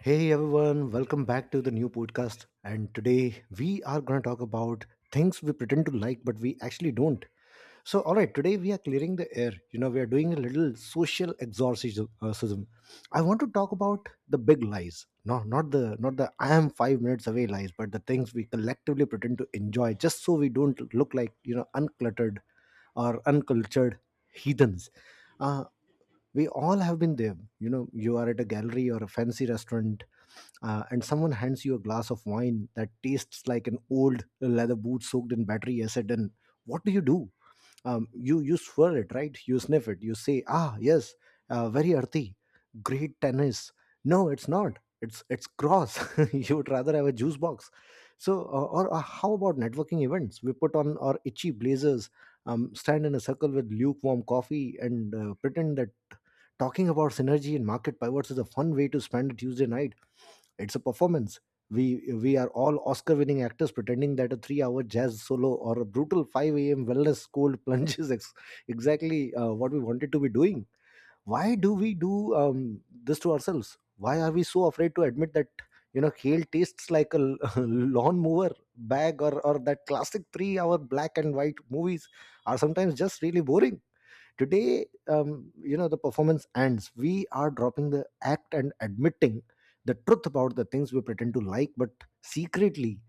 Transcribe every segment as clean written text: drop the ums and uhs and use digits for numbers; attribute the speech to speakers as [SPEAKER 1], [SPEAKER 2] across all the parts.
[SPEAKER 1] Hey everyone, welcome back to the new podcast. And today we are going to talk about things we pretend to like but we actually don't. So, all right, today we are clearing the air. You know, we are doing a little social exorcism. Sism. I want to talk about the big lies. No, not the I am 5 minutes away lies, but the things we collectively pretend to enjoy just so we don't look like uncluttered or uncultured heathens. Uh, we all have been there. You know, you are at a gallery or a fancy restaurant and someone hands you a glass of wine that tastes like an old leather boot soaked in battery acid. And what do you do? You swirl it, right? You sniff it, you say, ah yes, very earthy, great tennis. No, it's not. It's gross. You would rather have a juice box. So or How about networking events? We put on our itchy blazers, stand in a circle with lukewarm coffee and pretend that talking about synergy and market pivots is a fun way to spend a tuesday night. It's a performance. We are all Oscar-winning actors pretending that a three-hour jazz solo or a brutal 5 a.m. wellness cold plunge is exactly what we wanted to be doing. Why do we do this to ourselves? Why are we so afraid to admit that kale tastes like a lawn mower bag, or that classic three-hour black and white movies are sometimes just really boring? Today, the performance ends. We are dropping the act and admitting the truth about the things we pretend to like but secretly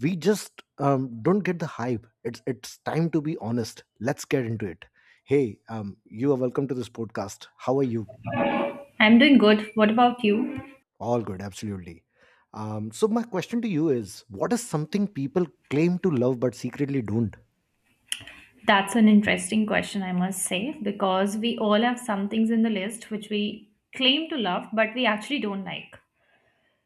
[SPEAKER 1] we just don't get the hype. It's time to be honest. Let's get into it. Hey, you are welcome to this podcast. How are you?
[SPEAKER 2] I'm doing good. What about you?
[SPEAKER 1] All good, absolutely. So my question to you is, what is something people claim to love but secretly don't?
[SPEAKER 2] That's an interesting question, I must say, because we all have some things in the list which we claim to love, but we actually don't like.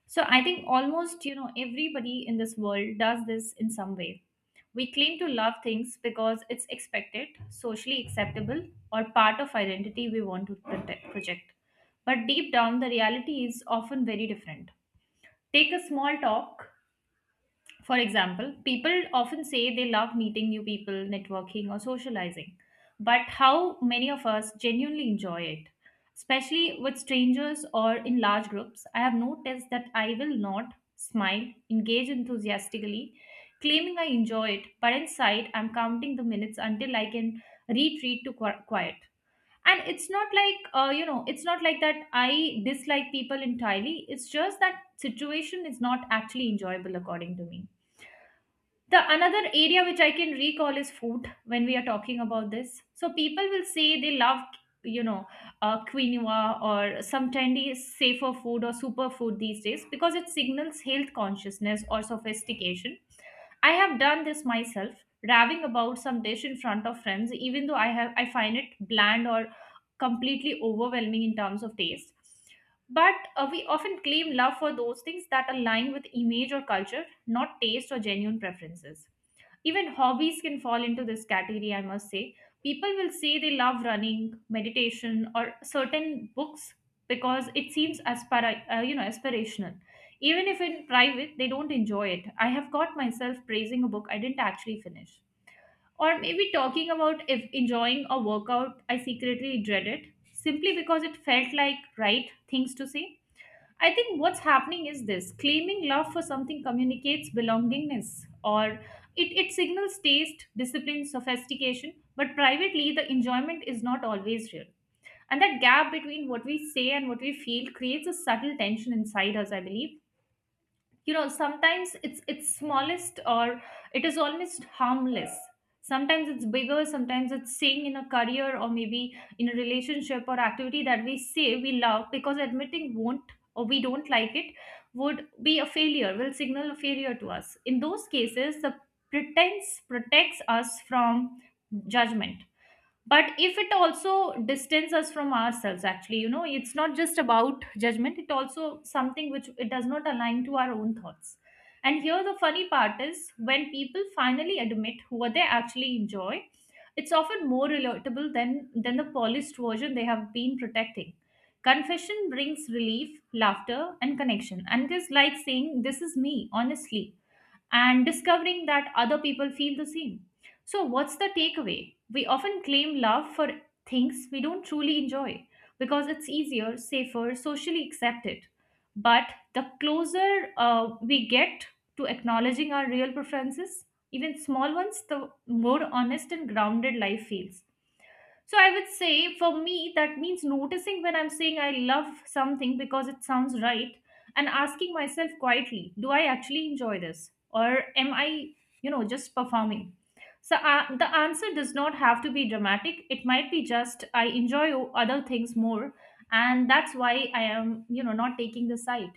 [SPEAKER 2] So I think almost, you know, everybody in this world does this in some way. We claim to love things because it's expected, socially acceptable, or part of identity we want to protect, project. But deep down, the reality is often very different. Take a small talk. For example, people often say they love meeting new people, networking, or socializing. But how many of us genuinely enjoy it? Especially with strangers or in large groups, I have noticed that I will not smile, engage enthusiastically, claiming I enjoy it, but inside I'm counting the minutes until I can retreat to quiet. And it's not like that I dislike people entirely. It's just that situation is not actually enjoyable according to me. The another area which I can recall is food. When we are talking about this, so people will say they love, you know quinoa, or some trendy safer food or superfood these days because it signals health consciousness or sophistication. I have done this myself, raving about some dish in front of friends, even though I find it bland or completely overwhelming in terms of taste. But we often claim love for those things that align with image or culture, not taste or genuine preferences. Even hobbies can fall into this category, I must say. People will say they love running, meditation, or certain books because it seems aspirational. Even if in private, they don't enjoy it. I have got myself praising a book I didn't actually finish. Or maybe talking about if enjoying a workout I secretly dreaded simply because it felt like right things to say. I think what's happening is this: claiming love for something communicates belongingness, or it signals taste, discipline, sophistication, but privately the enjoyment is not always real. And that gap between what we say and what we feel creates a subtle tension inside us, I believe. You know, sometimes it's smallest, or it is almost harmless. Sometimes it's bigger, sometimes it's staying in a career, or maybe in a relationship or activity that we say we love, because admitting won't, or we don't like it, would be a failure, will signal a failure to us. In those cases, the pretense protects us from judgment. But if it also distances us from ourselves, actually, you know, it's not just about judgment, it also something which it does not align to our own thoughts. And here the funny part is, when people finally admit what they actually enjoy, it's often more relatable than the polished version they have been protecting. Confession brings relief, laughter, and connection, and it is like saying, this is me honestly, and discovering that other people feel the same. So, what's the takeaway? We often claim love for things we don't truly enjoy because it's easier, safer, socially accepted. But the closer we get to acknowledging our real preferences, even small ones, the more honest and grounded life feels. So I would say for me, that means noticing when I'm saying I love something because it sounds right, and asking myself quietly, do I actually enjoy this? Or am I just performing? So the answer does not have to be dramatic. It might be just I enjoy other things more. And that's why I am not taking the side.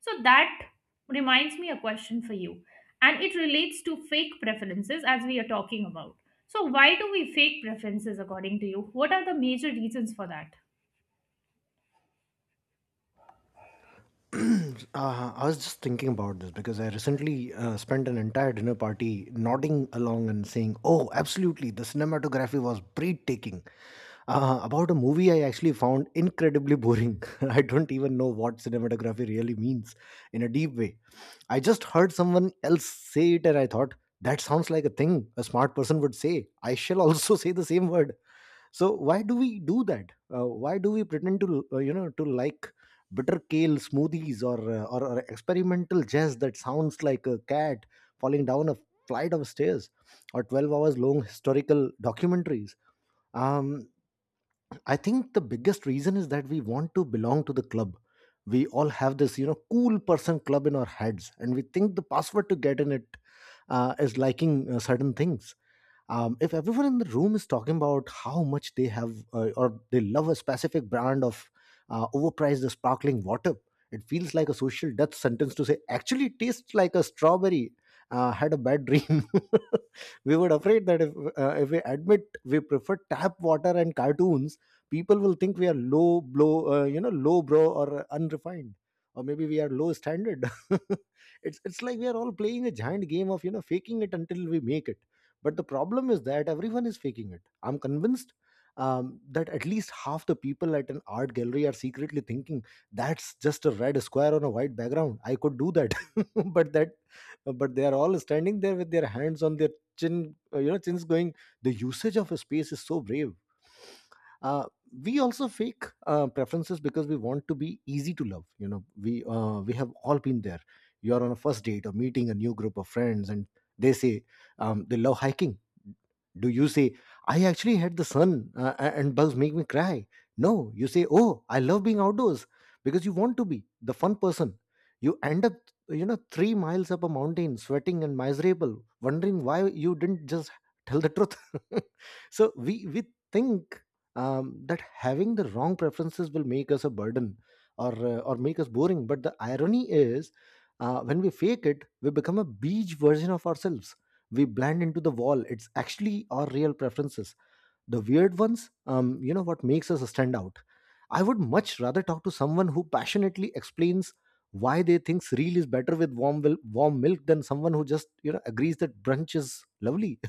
[SPEAKER 2] So that reminds me a question for you, and it relates to fake preferences as we are talking about. So, why do we fake preferences according to you? What are the major reasons for that?
[SPEAKER 1] I was just thinking about this because I recently spent an entire dinner party nodding along and saying, "Oh, absolutely! The cinematography was breathtaking." About a movie I actually found incredibly boring. I don't even know what cinematography really means in a deep way. I just heard someone else say it, and I thought, that sounds like a thing a smart person would say. I shall also say the same word. So why do we do that? Why do we pretend to to like bitter kale smoothies, or experimental jazz that sounds like a cat falling down a flight of stairs, or 12 hours long historical documentaries? um I think the biggest reason is that we want to belong to the club. We all have this, you know, cool person club in our heads, and we think the password to get in it is liking certain things. If everyone in the room is talking about how much they have or they love a specific brand of overpriced sparkling water, it feels like a social death sentence to say, actually, it tastes like a strawberry. Had a bad dream. We were afraid that if we admit we prefer tap water and cartoons, people will think we are low blow you know low bro or unrefined, or maybe we are low standard. It's like we are all playing a giant game of, you know, faking it until we make it. But the problem is that everyone is faking it. I'm convinced that at least half the people at an art gallery are secretly thinking, that's just a red square on a white background, I could do that. But that, but they are all standing there with their hands on their chins going, the usage of a space is so brave. Uh, we also fake preferences because we want to be easy to love. You know, we have all been there. You're on a first date or meeting a new group of friends and they say they love hiking. Do you say, I actually hate the sun and bugs make me cry? No, you say, oh, I love being outdoors, because you want to be the fun person. You end up, you know, 3 miles up a mountain, sweating and miserable, wondering why you didn't just tell the truth. So we think that having the wrong preferences will make us a burden or make us boring. But the irony is, when we fake it, we become a beige version of ourselves. We blend into the wall. It's actually our real preferences, the weird ones, you know, what makes us stand out. I would much rather talk to someone who passionately explains why they think cereal is better with warm milk than someone who just, you know, agrees that brunch is lovely.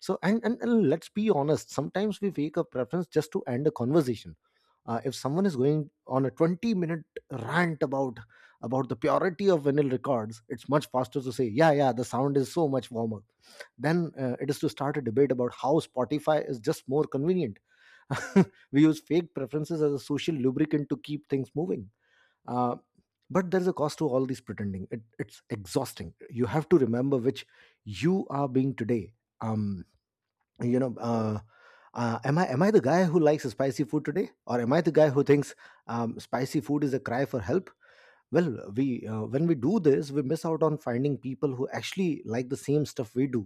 [SPEAKER 1] So, and let's be honest, sometimes we wake up preference just to end a conversation. If someone is going on a 20-minute rant about the purity of vinyl records, it's much faster to say, yeah, yeah, the sound is so much warmer, then it is to start a debate about how spotify is just more convenient. We use fake preferences as a social lubricant to keep things moving. uh, but there's a cost to all these pretending. It's exhausting. You have to remember which you are being today. Um you know uh, uh, am i am I the guy who likes spicy food today, or am I the guy who thinks spicy food is a cry for help? Well, we when we do this, we miss out on finding people who actually like the same stuff we do.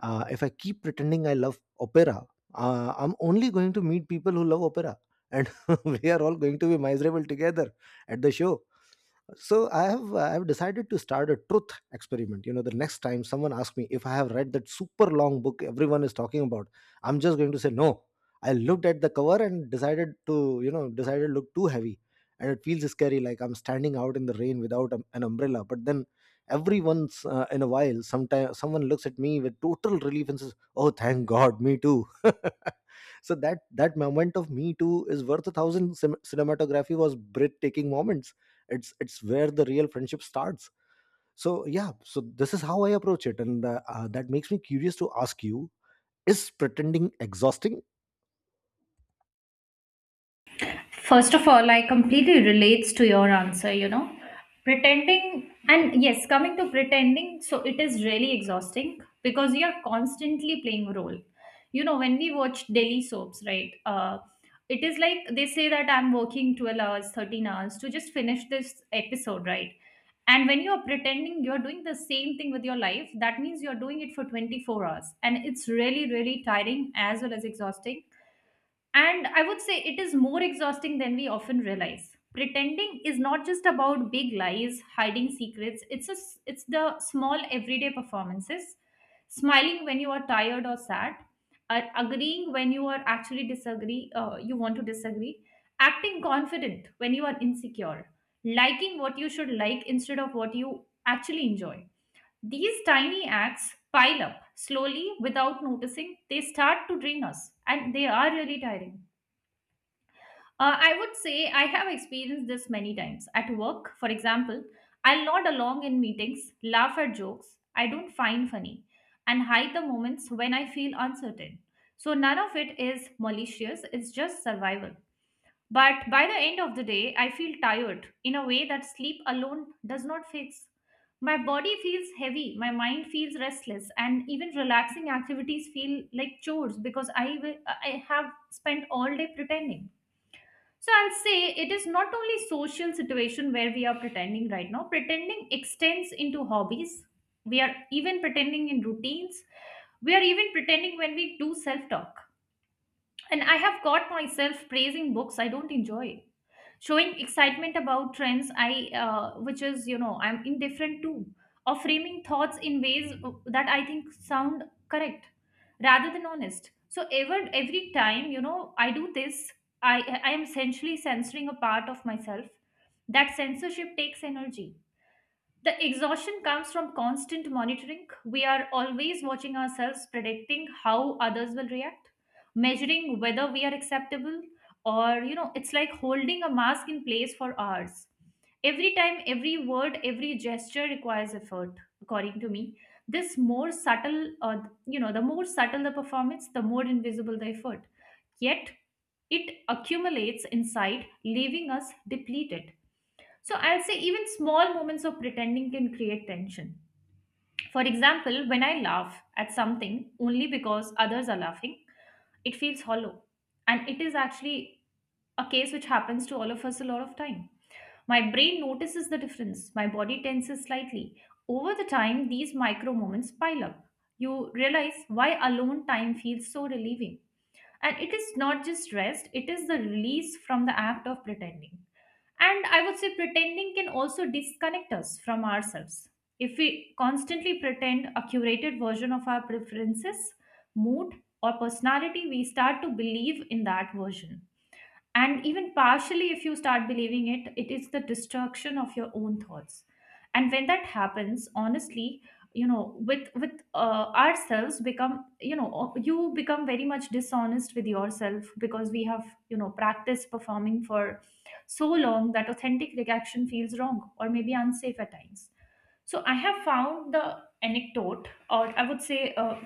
[SPEAKER 1] If I keep pretending I love opera, I'm only going to meet people who love opera, and we are all going to be miserable together at the show. So I have decided to start a truth experiment. You know, the next time someone asks me if I have read that super long book everyone is talking about, I'm just going to say no, I looked at the cover and decided to, you know, decided to look too heavy. And it feels scary, like I'm standing out in the rain without an umbrella. But then, every once in a while, sometime someone looks at me with total relief and says, oh thank god, me too. So that, that moment of me too is worth a thousand cinematography was breathtaking moments. It's where the real friendship starts. So yeah, so this is how I approach it, and that makes me curious to ask you, is pretending exhausting?
[SPEAKER 2] First of all, I completely relates to your answer. Pretending, and yes, coming to pretending, so it is really exhausting because you are constantly playing a role. You know, when we watch daily soaps, right? It is like they say that I'm working 12 hours, 13 hours to just finish this episode, right? And when you're pretending, you're doing the same thing with your life, that means you're doing it for 24 hours. And it's really, really tiring as well as exhausting. And I would say it is more exhausting than we often realize. Pretending is not just about big lies, hiding secrets. It's the small everyday performances, smiling when you are tired or sad, agreeing when you are actually you want to disagree, acting confident when you are insecure, liking what you should like instead of what you actually enjoy. These tiny acts pile up slowly without noticing. They start to drain us, and they are really tiring. I would say I have experienced this many times. At work, for example, I'll nod along in meetings, laugh at jokes I don't find funny, and hide the moments when I feel uncertain. So none of it is malicious, it's just survival. But by the end of the day, I feel tired in a way that sleep alone does not fix. My body feels heavy, my mind feels restless, and even relaxing activities feel like chores because I have spent all day pretending. So I'll say it is not only social situation where we are pretending right now. Pretending extends into hobbies. We are even pretending in routines. We are even pretending when we do self-talk. And I have got myself praising books I don't enjoy, showing excitement about trends I, which is, I'm indifferent to, or framing thoughts in ways that I think sound correct rather than honest. So every time, I do this, i I am essentially censoring a part of myself. That censorship takes energy. The exhaustion comes from constant monitoring. We are always watching ourselves, predicting how others will react, measuring whether we are acceptable, or, you know, it's like holding a mask in place for hours. Every time, every word, every gesture requires effort, according to me. This more subtle, you know, the more subtle the performance, the more invisible the effort. Yet, it accumulates inside, leaving us depleted. So I'll say even small moments of pretending can create tension. For example, when I laugh at something only because others are laughing, it feels hollow. And it is actually a case which happens to all of us a lot of time. My brain notices the difference, my body tenses slightly. Over the time, these micro moments pile up. You realize why alone time feels so relieving. And it is not just rest, it is the release from the act of pretending. And I would say pretending can also disconnect us from ourselves. If we constantly pretend a curated version of our preferences, mood, or personality, we start to believe in that version. And even partially, if you start believing it is the destruction of your own thoughts. And when that happens honestly, you know, with ourselves become, you know, you become very much dishonest with yourself, because we have practiced performing for so long that authentic reaction feels wrong, or maybe unsafe at times. So I have found the anecdote, or I would say,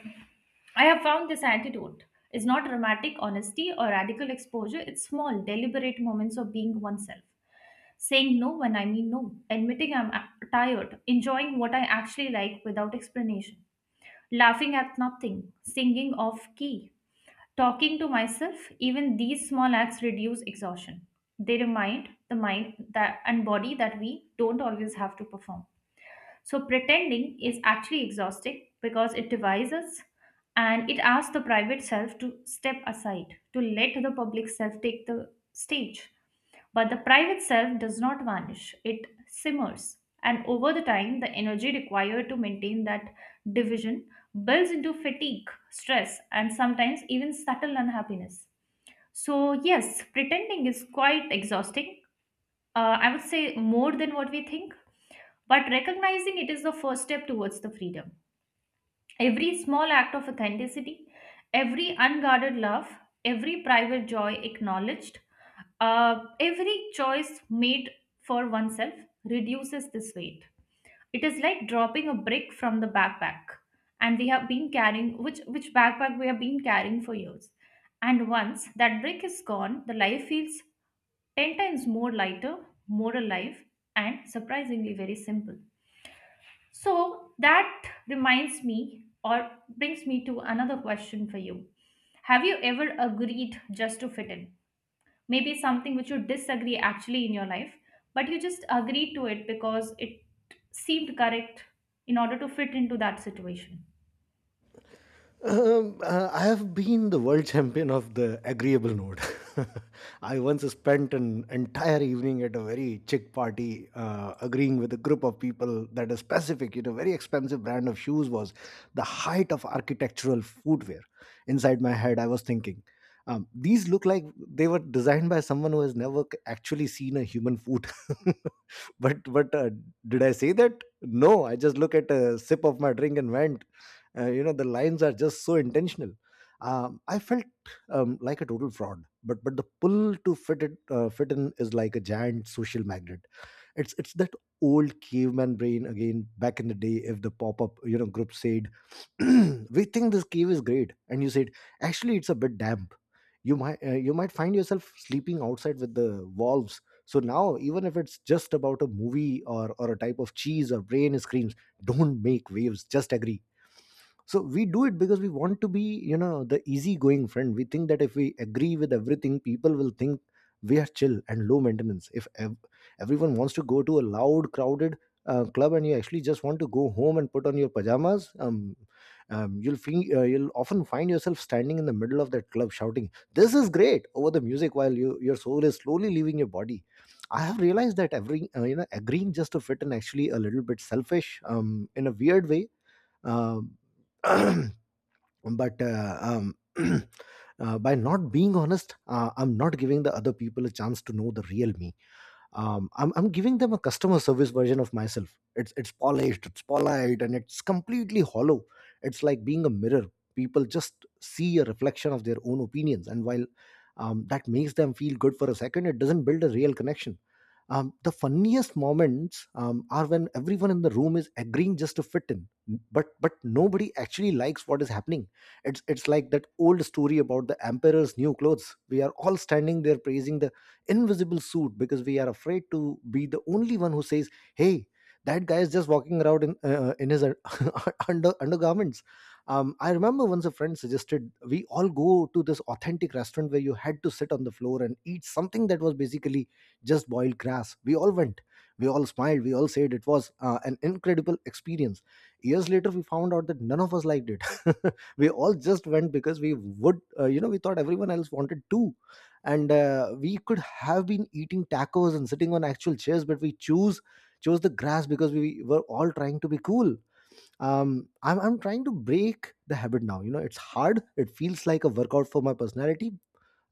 [SPEAKER 2] I have found this antidote is not dramatic honesty or radical exposure, it's small, deliberate moments of being oneself. Saying no when I mean no, admitting I'm tired, enjoying what I actually like without explanation, laughing at nothing, singing off key, talking to myself, even these small acts reduce exhaustion. They remind the mind that and body that we don't always have to perform. So pretending is actually exhausting because it divides us, and it asks the private self to step aside, to let the public self take the stage. But the private self does not vanish, it simmers. And over the time, the energy required to maintain that division builds into fatigue, stress, and sometimes even subtle unhappiness. So, yes, pretending is quite exhausting. I would say more than what we think, but recognizing it is the first step towards the freedom. Every small act of authenticity, every unguarded love, every private joy acknowledged, every choice made for oneself reduces this weight. It is like dropping a brick from the backpack, and we have been carrying, which backpack we have been carrying for years. And once that brick is gone, the life feels 10 times more lighter, more alive, and surprisingly very simple. So that reminds me, or brings me to another question for you. Have you ever agreed just to fit in? Maybe something which you disagree actually in your life, but you just agreed to it because it seemed correct in order to fit into that situation.
[SPEAKER 1] I have been the world champion of the agreeable node. I once spent an entire evening at a very chic party, agreeing with a group of people that a specific, you know, very expensive brand of shoes was the height of architectural footwear. Inside my head, I was thinking, these look like they were designed by someone who has never actually seen a human foot. But Did I say that? No, I just look at a sip of my drink and went you know, the lines are just so intentional. I felt like a total fraud, but the pull to fit it fit in is like a giant social magnet. It's that old caveman brain again. Back in the day, if the pop-up, you know, group said we think this cave is great, and you said actually it's a bit damp, you might find yourself sleeping outside with the wolves. So now, even if it's just about a movie or a type of cheese, or brain screams, don't make waves, just agree. So we do it because we want to be, you know, the easygoing friend. We think that if we agree with everything, people will think we are chill and low maintenance. If ev- Everyone wants to go to a loud, crowded club, and you actually just want to go home and put on your pajamas. You'll feel, you'll often find yourself standing in the middle of that club shouting this is great over the music, while you, your soul is slowly leaving your body. I have realized that every you know agreeing just to fit in actually a little bit selfish in a weird way. um, but By not being honest, I'm not giving the other people a chance to know the real me. I'm giving them a customer service version of myself. It's polished, it's polite, and it's completely hollow. It's like being a mirror. People just see a reflection of their own opinions, and while that makes them feel good for a second, it doesn't build a real connection. The funniest moments are when everyone in the room is agreeing just to fit in, but nobody actually likes what is happening. It's like that old story about the emperor's new clothes. We are all standing there praising the invisible suit because we are afraid to be the only one who says, "Hey, that guy is just walking around in his undergarments." I remember once a friend suggested we all go to this authentic restaurant where you had to sit on the floor and eat something that was basically just boiled grass. We all went. We all smiled. We all said it was an incredible experience. Years later, we found out that none of us liked it. We all just went because we would, you know, we thought everyone else wanted to. And we could have been eating tacos and sitting on actual chairs, but we choose chose the grass because we were all trying to be cool. I'm trying to break the habit now. You know, it's hard, it feels like a workout for my personality.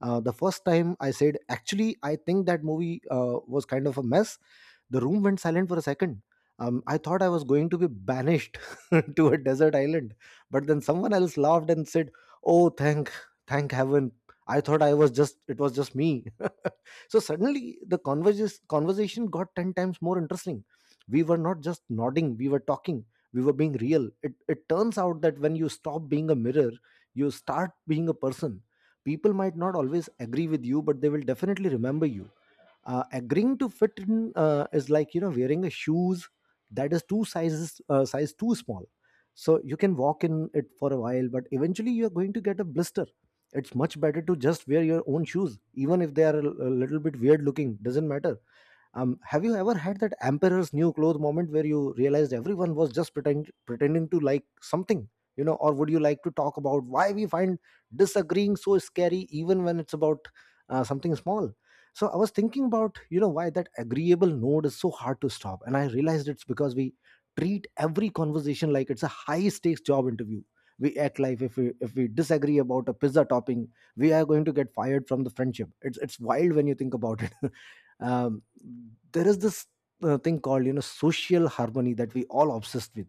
[SPEAKER 1] The first time I said, actually, I think that movie was kind of a mess. The room went silent for a second. I thought I was going to be banished to a desert island, but then someone else laughed and said, "Oh, thank heaven! I thought it was just me." So suddenly the conversation got 10 times more interesting. We were not just nodding, we were talking, we were being real. It turns out that when you stop being a mirror, you start being a person. People might not always agree with you, but they will definitely remember you. Agreeing to fit in is, like, you know, wearing a shoes that is two sizes size too small. So you can walk in it for a while, but eventually you are going to get a blister. It's much better to just wear your own shoes, even if they are a little bit weird looking. Doesn't matter. Have you ever had that emperor's new clothes moment where you realized everyone was just pretending to like something, you know? Or would you like to talk about why we find disagreeing so scary, even when it's about something small? So I was thinking about, you know, why that agreeable node is so hard to stop, and I realized it's because we treat every conversation like it's a high stakes job interview. We act like if we disagree about a pizza topping, we are going to get fired from the friendship. It's wild when you think about it. Um, there is this thing called, you know, social harmony that we all obsessed with.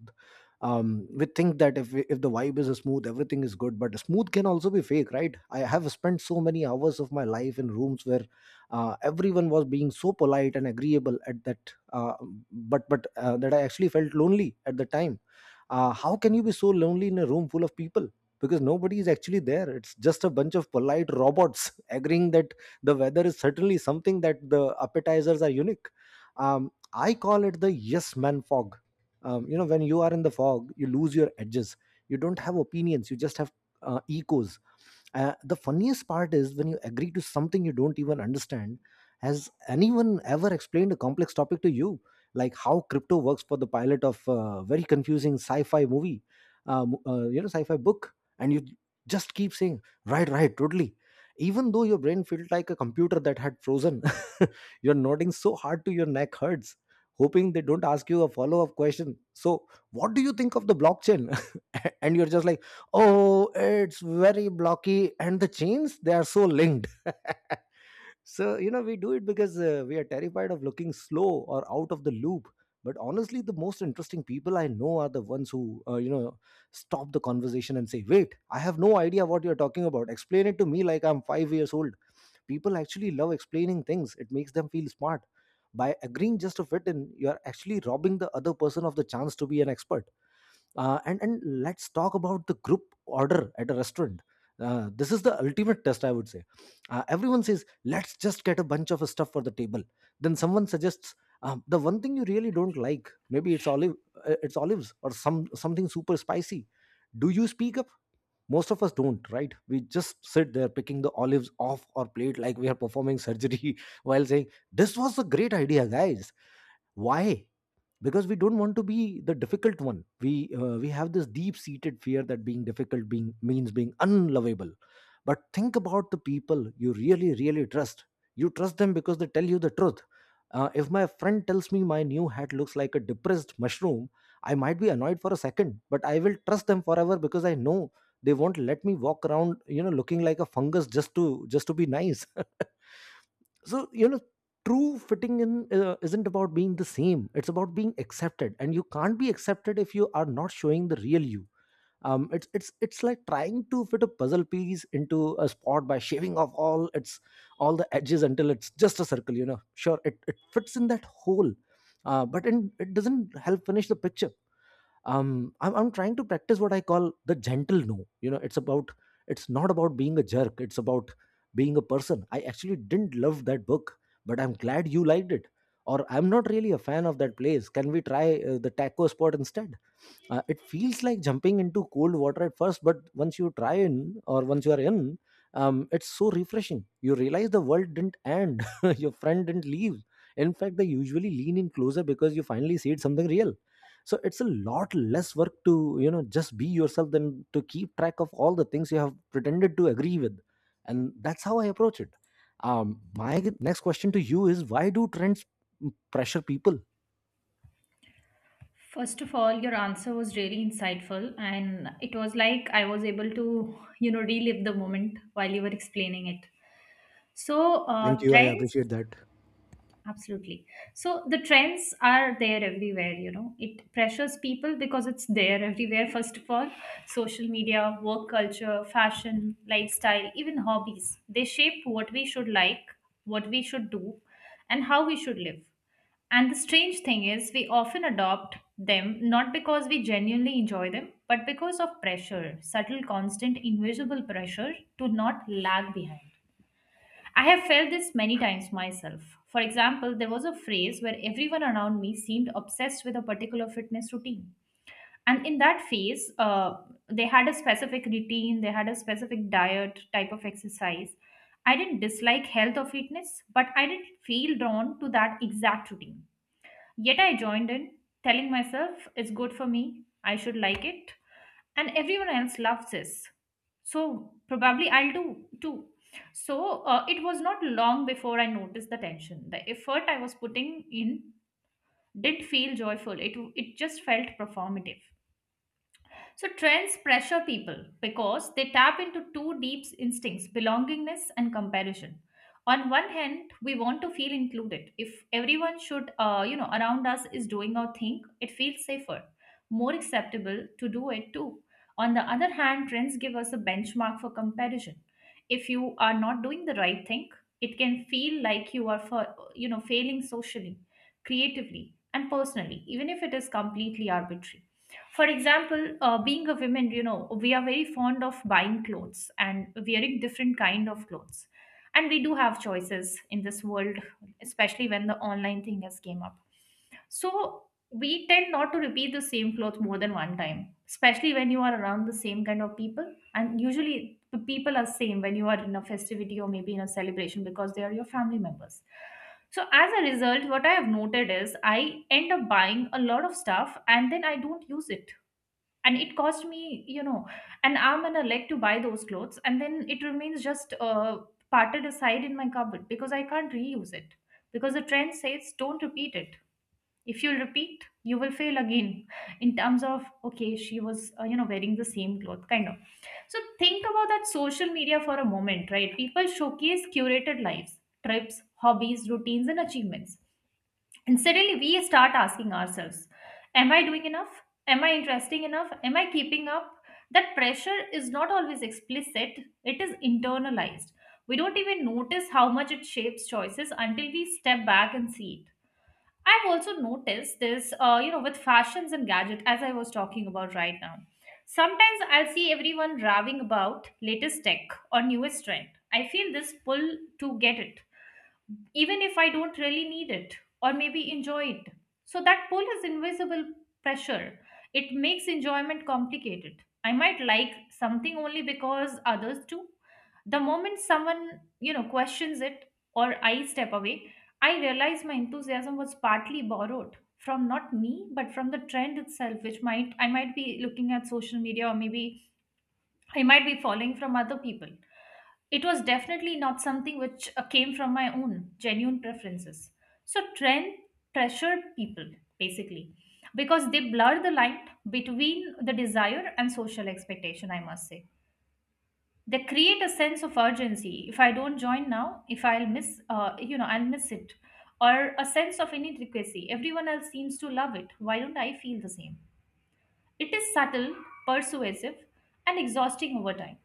[SPEAKER 1] We think that if the vibe is smooth, everything is good, but smooth can also be fake, right? I have spent so many hours of my life in rooms where everyone was being so polite and agreeable at that but that I actually felt lonely at the time. How can you be so lonely in a room full of people? Because nobody is actually there. It's just a bunch of polite robots agreeing that the weather is certainly something, that the appetizers are unique. I call it the yes man fog. You know, when you are in the fog, you lose your edges. You don't have opinions, you just have echoes. The funniest part is when you agree to something you don't even understand. Has anyone ever explained a complex topic to you, like how crypto works, for the pilot of a very confusing sci-fi movie, you know, sci-fi book, and you just keep saying, right, right, totally. Even though your brain felt like a computer that had frozen, you're nodding so hard to your neck hurts, hoping they don't ask you a follow-up question. So, what do you think of the blockchain? And you're just like, oh, it's very blocky, and the chains, they are so linked. So, you know, we do it because we are terrified of looking slow or out of the loop. But honestly, the most interesting people I know are the ones who, you know, stop the conversation and say, wait, I have no idea what you're talking about. Explain it to me like I'm 5 years old. People actually love explaining things, it makes them feel smart. By agreeing just to fit in, you're actually robbing the other person of the chance to be an expert. And let's talk about the group order at a restaurant. This is the ultimate test, I would say. Everyone says let's just get a bunch of stuff for the table. Then someone suggests the one thing you really don't like. Maybe it's olives or something super spicy. Do you speak up? Most of us don't, right? We just sit there picking the olives off our plate like we are performing surgery while saying this was a great idea, guys. Why? Because we don't want to be the difficult one. We have this deep seated fear that being difficult being means being unlovable. But think about the people you really trust. You trust them because they tell you the truth. If my friend tells me my new hat looks like a depressed mushroom, I might be annoyed for a second, but I will trust them forever, because I know they won't let me walk around, you know, looking like a fungus just to be nice. So, you know, true fitting in isn't about being the same, it's about being accepted, and you can't be accepted if you are not showing the real you. It's like trying to fit a puzzle piece into a spot by shaving off all the edges until it's just a circle. You know, sure, it fits in that hole, but it doesn't help finish the picture. I'm trying to practice what I call the gentle no. You know, it's about, it's not about being a jerk, it's about being a person. I actually didn't love that book, but I'm glad you liked it. Or I'm not really a fan of that place, can we try the taco spot instead? It feels like jumping into cold water at first, but once you are in, it's so refreshing. You realize the world didn't end, your friend didn't leave. In fact, they usually lean in closer because you finally see it something real. So it's a lot less work to, you know, just be yourself than to keep track of all the things you have pretended to agree with, and that's how I approach it. My next question to you is, why do trends pressure people?
[SPEAKER 2] First of all, your answer was really insightful, and it was like I was able to, you know, relive the moment while you were explaining it.
[SPEAKER 1] Thank you. I
[SPEAKER 2] Trends.
[SPEAKER 1] appreciate that.
[SPEAKER 2] Absolutely. So the trends are there everywhere, you know. It pressures people because it's there everywhere, first of all. Social media, work culture, fashion, lifestyle, even hobbies. They shape what we should like, what we should do, and how we should live. And the strange thing is, we often adopt them not because we genuinely enjoy them, but because of pressure, subtle, constant, invisible pressure to not lag behind. I have felt this many times myself. For example, there was a phase where everyone around me seemed obsessed with a particular fitness routine. And in that phase, they had a specific routine, they had a specific diet, type of exercise. I didn't dislike health or fitness, but I didn't feel drawn to that exact routine. Yet I joined in, telling myself it's good for me, I should like it, and everyone else loves this. So probably I'll do too. So it was not long before I noticed the tension. The effort I was putting in didn't feel joyful. It just felt performative. So trends pressure people because they tap into two deep instincts belongingness and comparison. On one hand, we want to feel included. If everyone you know, around us is doing our thing, it feels safer, more acceptable to do it too. On the other hand, trends give us a benchmark for comparison. If you are not doing the right thing, it can feel like you are, you know, failing socially, creatively, and personally, even if it is completely arbitrary. For example, being a woman, you know, we are very fond of buying clothes and wearing different kind of clothes. And we do have choices in this world, especially when the online thing has came up. So we tend not to repeat the same clothes more than one time, especially when you are around the same kind of people. And usually the people are same when you are in a festivity or maybe in a celebration because they are your family members. So as a result, what I have noted is I end up buying a lot of stuff and then I don't use it. And it cost me, you know, an arm and a leg to buy those clothes. And then it remains just parted aside in my cupboard because I can't reuse it. Because the trend says don't repeat it, if you'll repeat you will fail again in terms of okay she was you know, wearing the same cloth kind of. So think about that social media for a moment, right? People showcase curated lives, trips, hobbies, routines, and achievements, and suddenly we start asking ourselves, am I doing enough? Am I interesting enough? Am I keeping up? That pressure is not always explicit, it is internalized. We don't even notice how much it shapes choices until we step back and see it. I've also noticed this, you know, with fashions and gadget, as I was talking about right now. Sometimes I'll see everyone raving about latest tech or newest trend. I feel this pull to get it, even if I don't really need it or maybe enjoy it. So that pull is invisible pressure. It makes enjoyment complicated. I might like something only because others do. The moment someone, you know, questions it or I step away, I realize my enthusiasm was partly borrowed from not me but from the trend itself, which might I might be looking at social media or maybe I might be following from other people. It was definitely not something which came from my own genuine preferences. So, trend pressured people basically because they blur the line between the desire and social expectation, I must say. They create a sense of urgency. If I don't join now, if I'll miss, you know, I'll miss it, or a sense of inadequacy. Everyone else seems to love it. Why don't I feel the same? It is subtle, persuasive, and exhausting over time.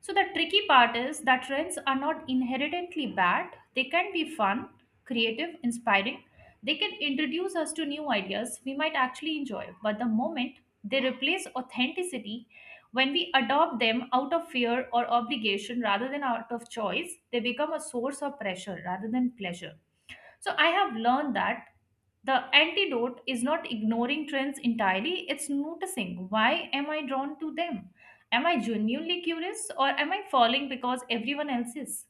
[SPEAKER 2] So, the tricky part is that trends are not inherently bad. They can be fun, creative, inspiring. They can introduce us to new ideas we might actually enjoy. But the moment they replace authenticity, when we adopt them out of fear or obligation rather than out of choice, they become a source of pressure rather than pleasure. So I have learned that the antidote is not ignoring trends entirely, it's noticing, why am I drawn to them? Am I genuinely curious or am I falling because everyone else is?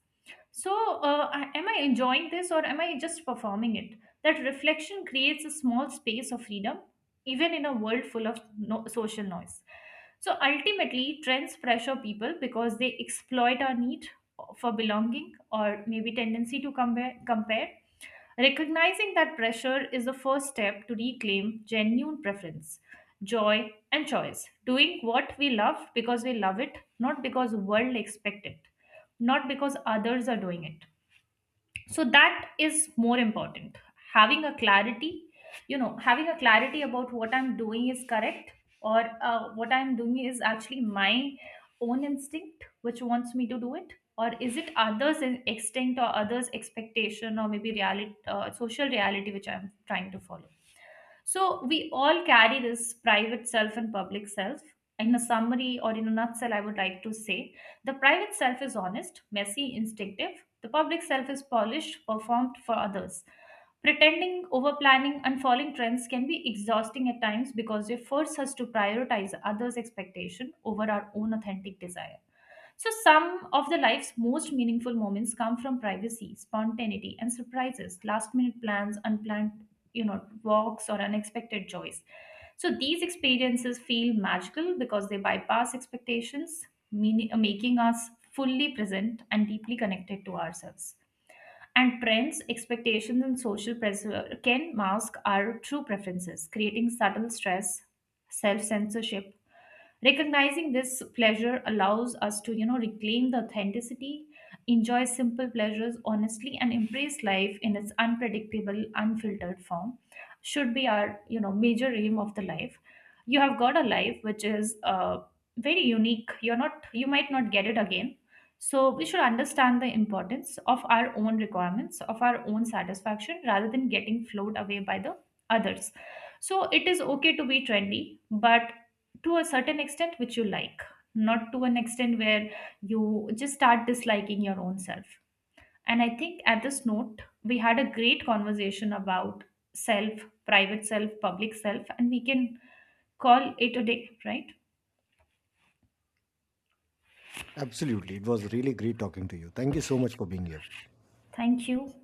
[SPEAKER 2] So, am I enjoying this or am I just performing it? That reflection creates a small space of freedom, even in a world full of social noise. So, ultimately, trends pressure people because they exploit our need for belonging or maybe tendency to compare, compare. Recognizing that pressure is the first step to reclaim genuine preference, joy, and choice. Doing what we love because we love it, not because the world expects it, not because others are doing it, so that is more important, having a clarity, you know, having a clarity about what I'm doing is correct, or what I'm doing is actually my own instinct which wants me to do it, or is it others instinct or others expectation, or maybe reality social reality which I'm trying to follow. So we all carry this private self and public self. In a summary or in a nutshell, I would like to say the private self is honest, messy, instinctive. The public self is polished, performed for others. Pretending, over planning, and following trends can be exhausting at times because they force us to prioritize others' expectation over our own authentic desire. So, some of the life's most meaningful moments come from privacy, spontaneity, and surprises, last minute plans, unplanned, you know, walks, or unexpected joys. So, these experiences feel magical because they bypass expectations, making us fully present and deeply connected to ourselves. And trends, expectations, and social pressure can mask our true preferences, creating subtle stress, self censorship. Recognizing this pleasure allows us to, you know, reclaim the authenticity, enjoy simple pleasures honestly, and embrace life in its unpredictable unfiltered form, should be our, you know, major aim of the life. You have got a life which is very unique. You might not get it again, so we should understand the importance of our own requirements, of our own satisfaction rather than getting flowed away by the others. So it is okay to be trendy, but to a certain extent which you like, not to an extent where you just start disliking your own self. And I think at this note we had a great conversation about self, private self, public self, and we can call it a day, right?
[SPEAKER 1] Absolutely. It was really great talking to you. Thank you so much for being here.
[SPEAKER 2] Thank you.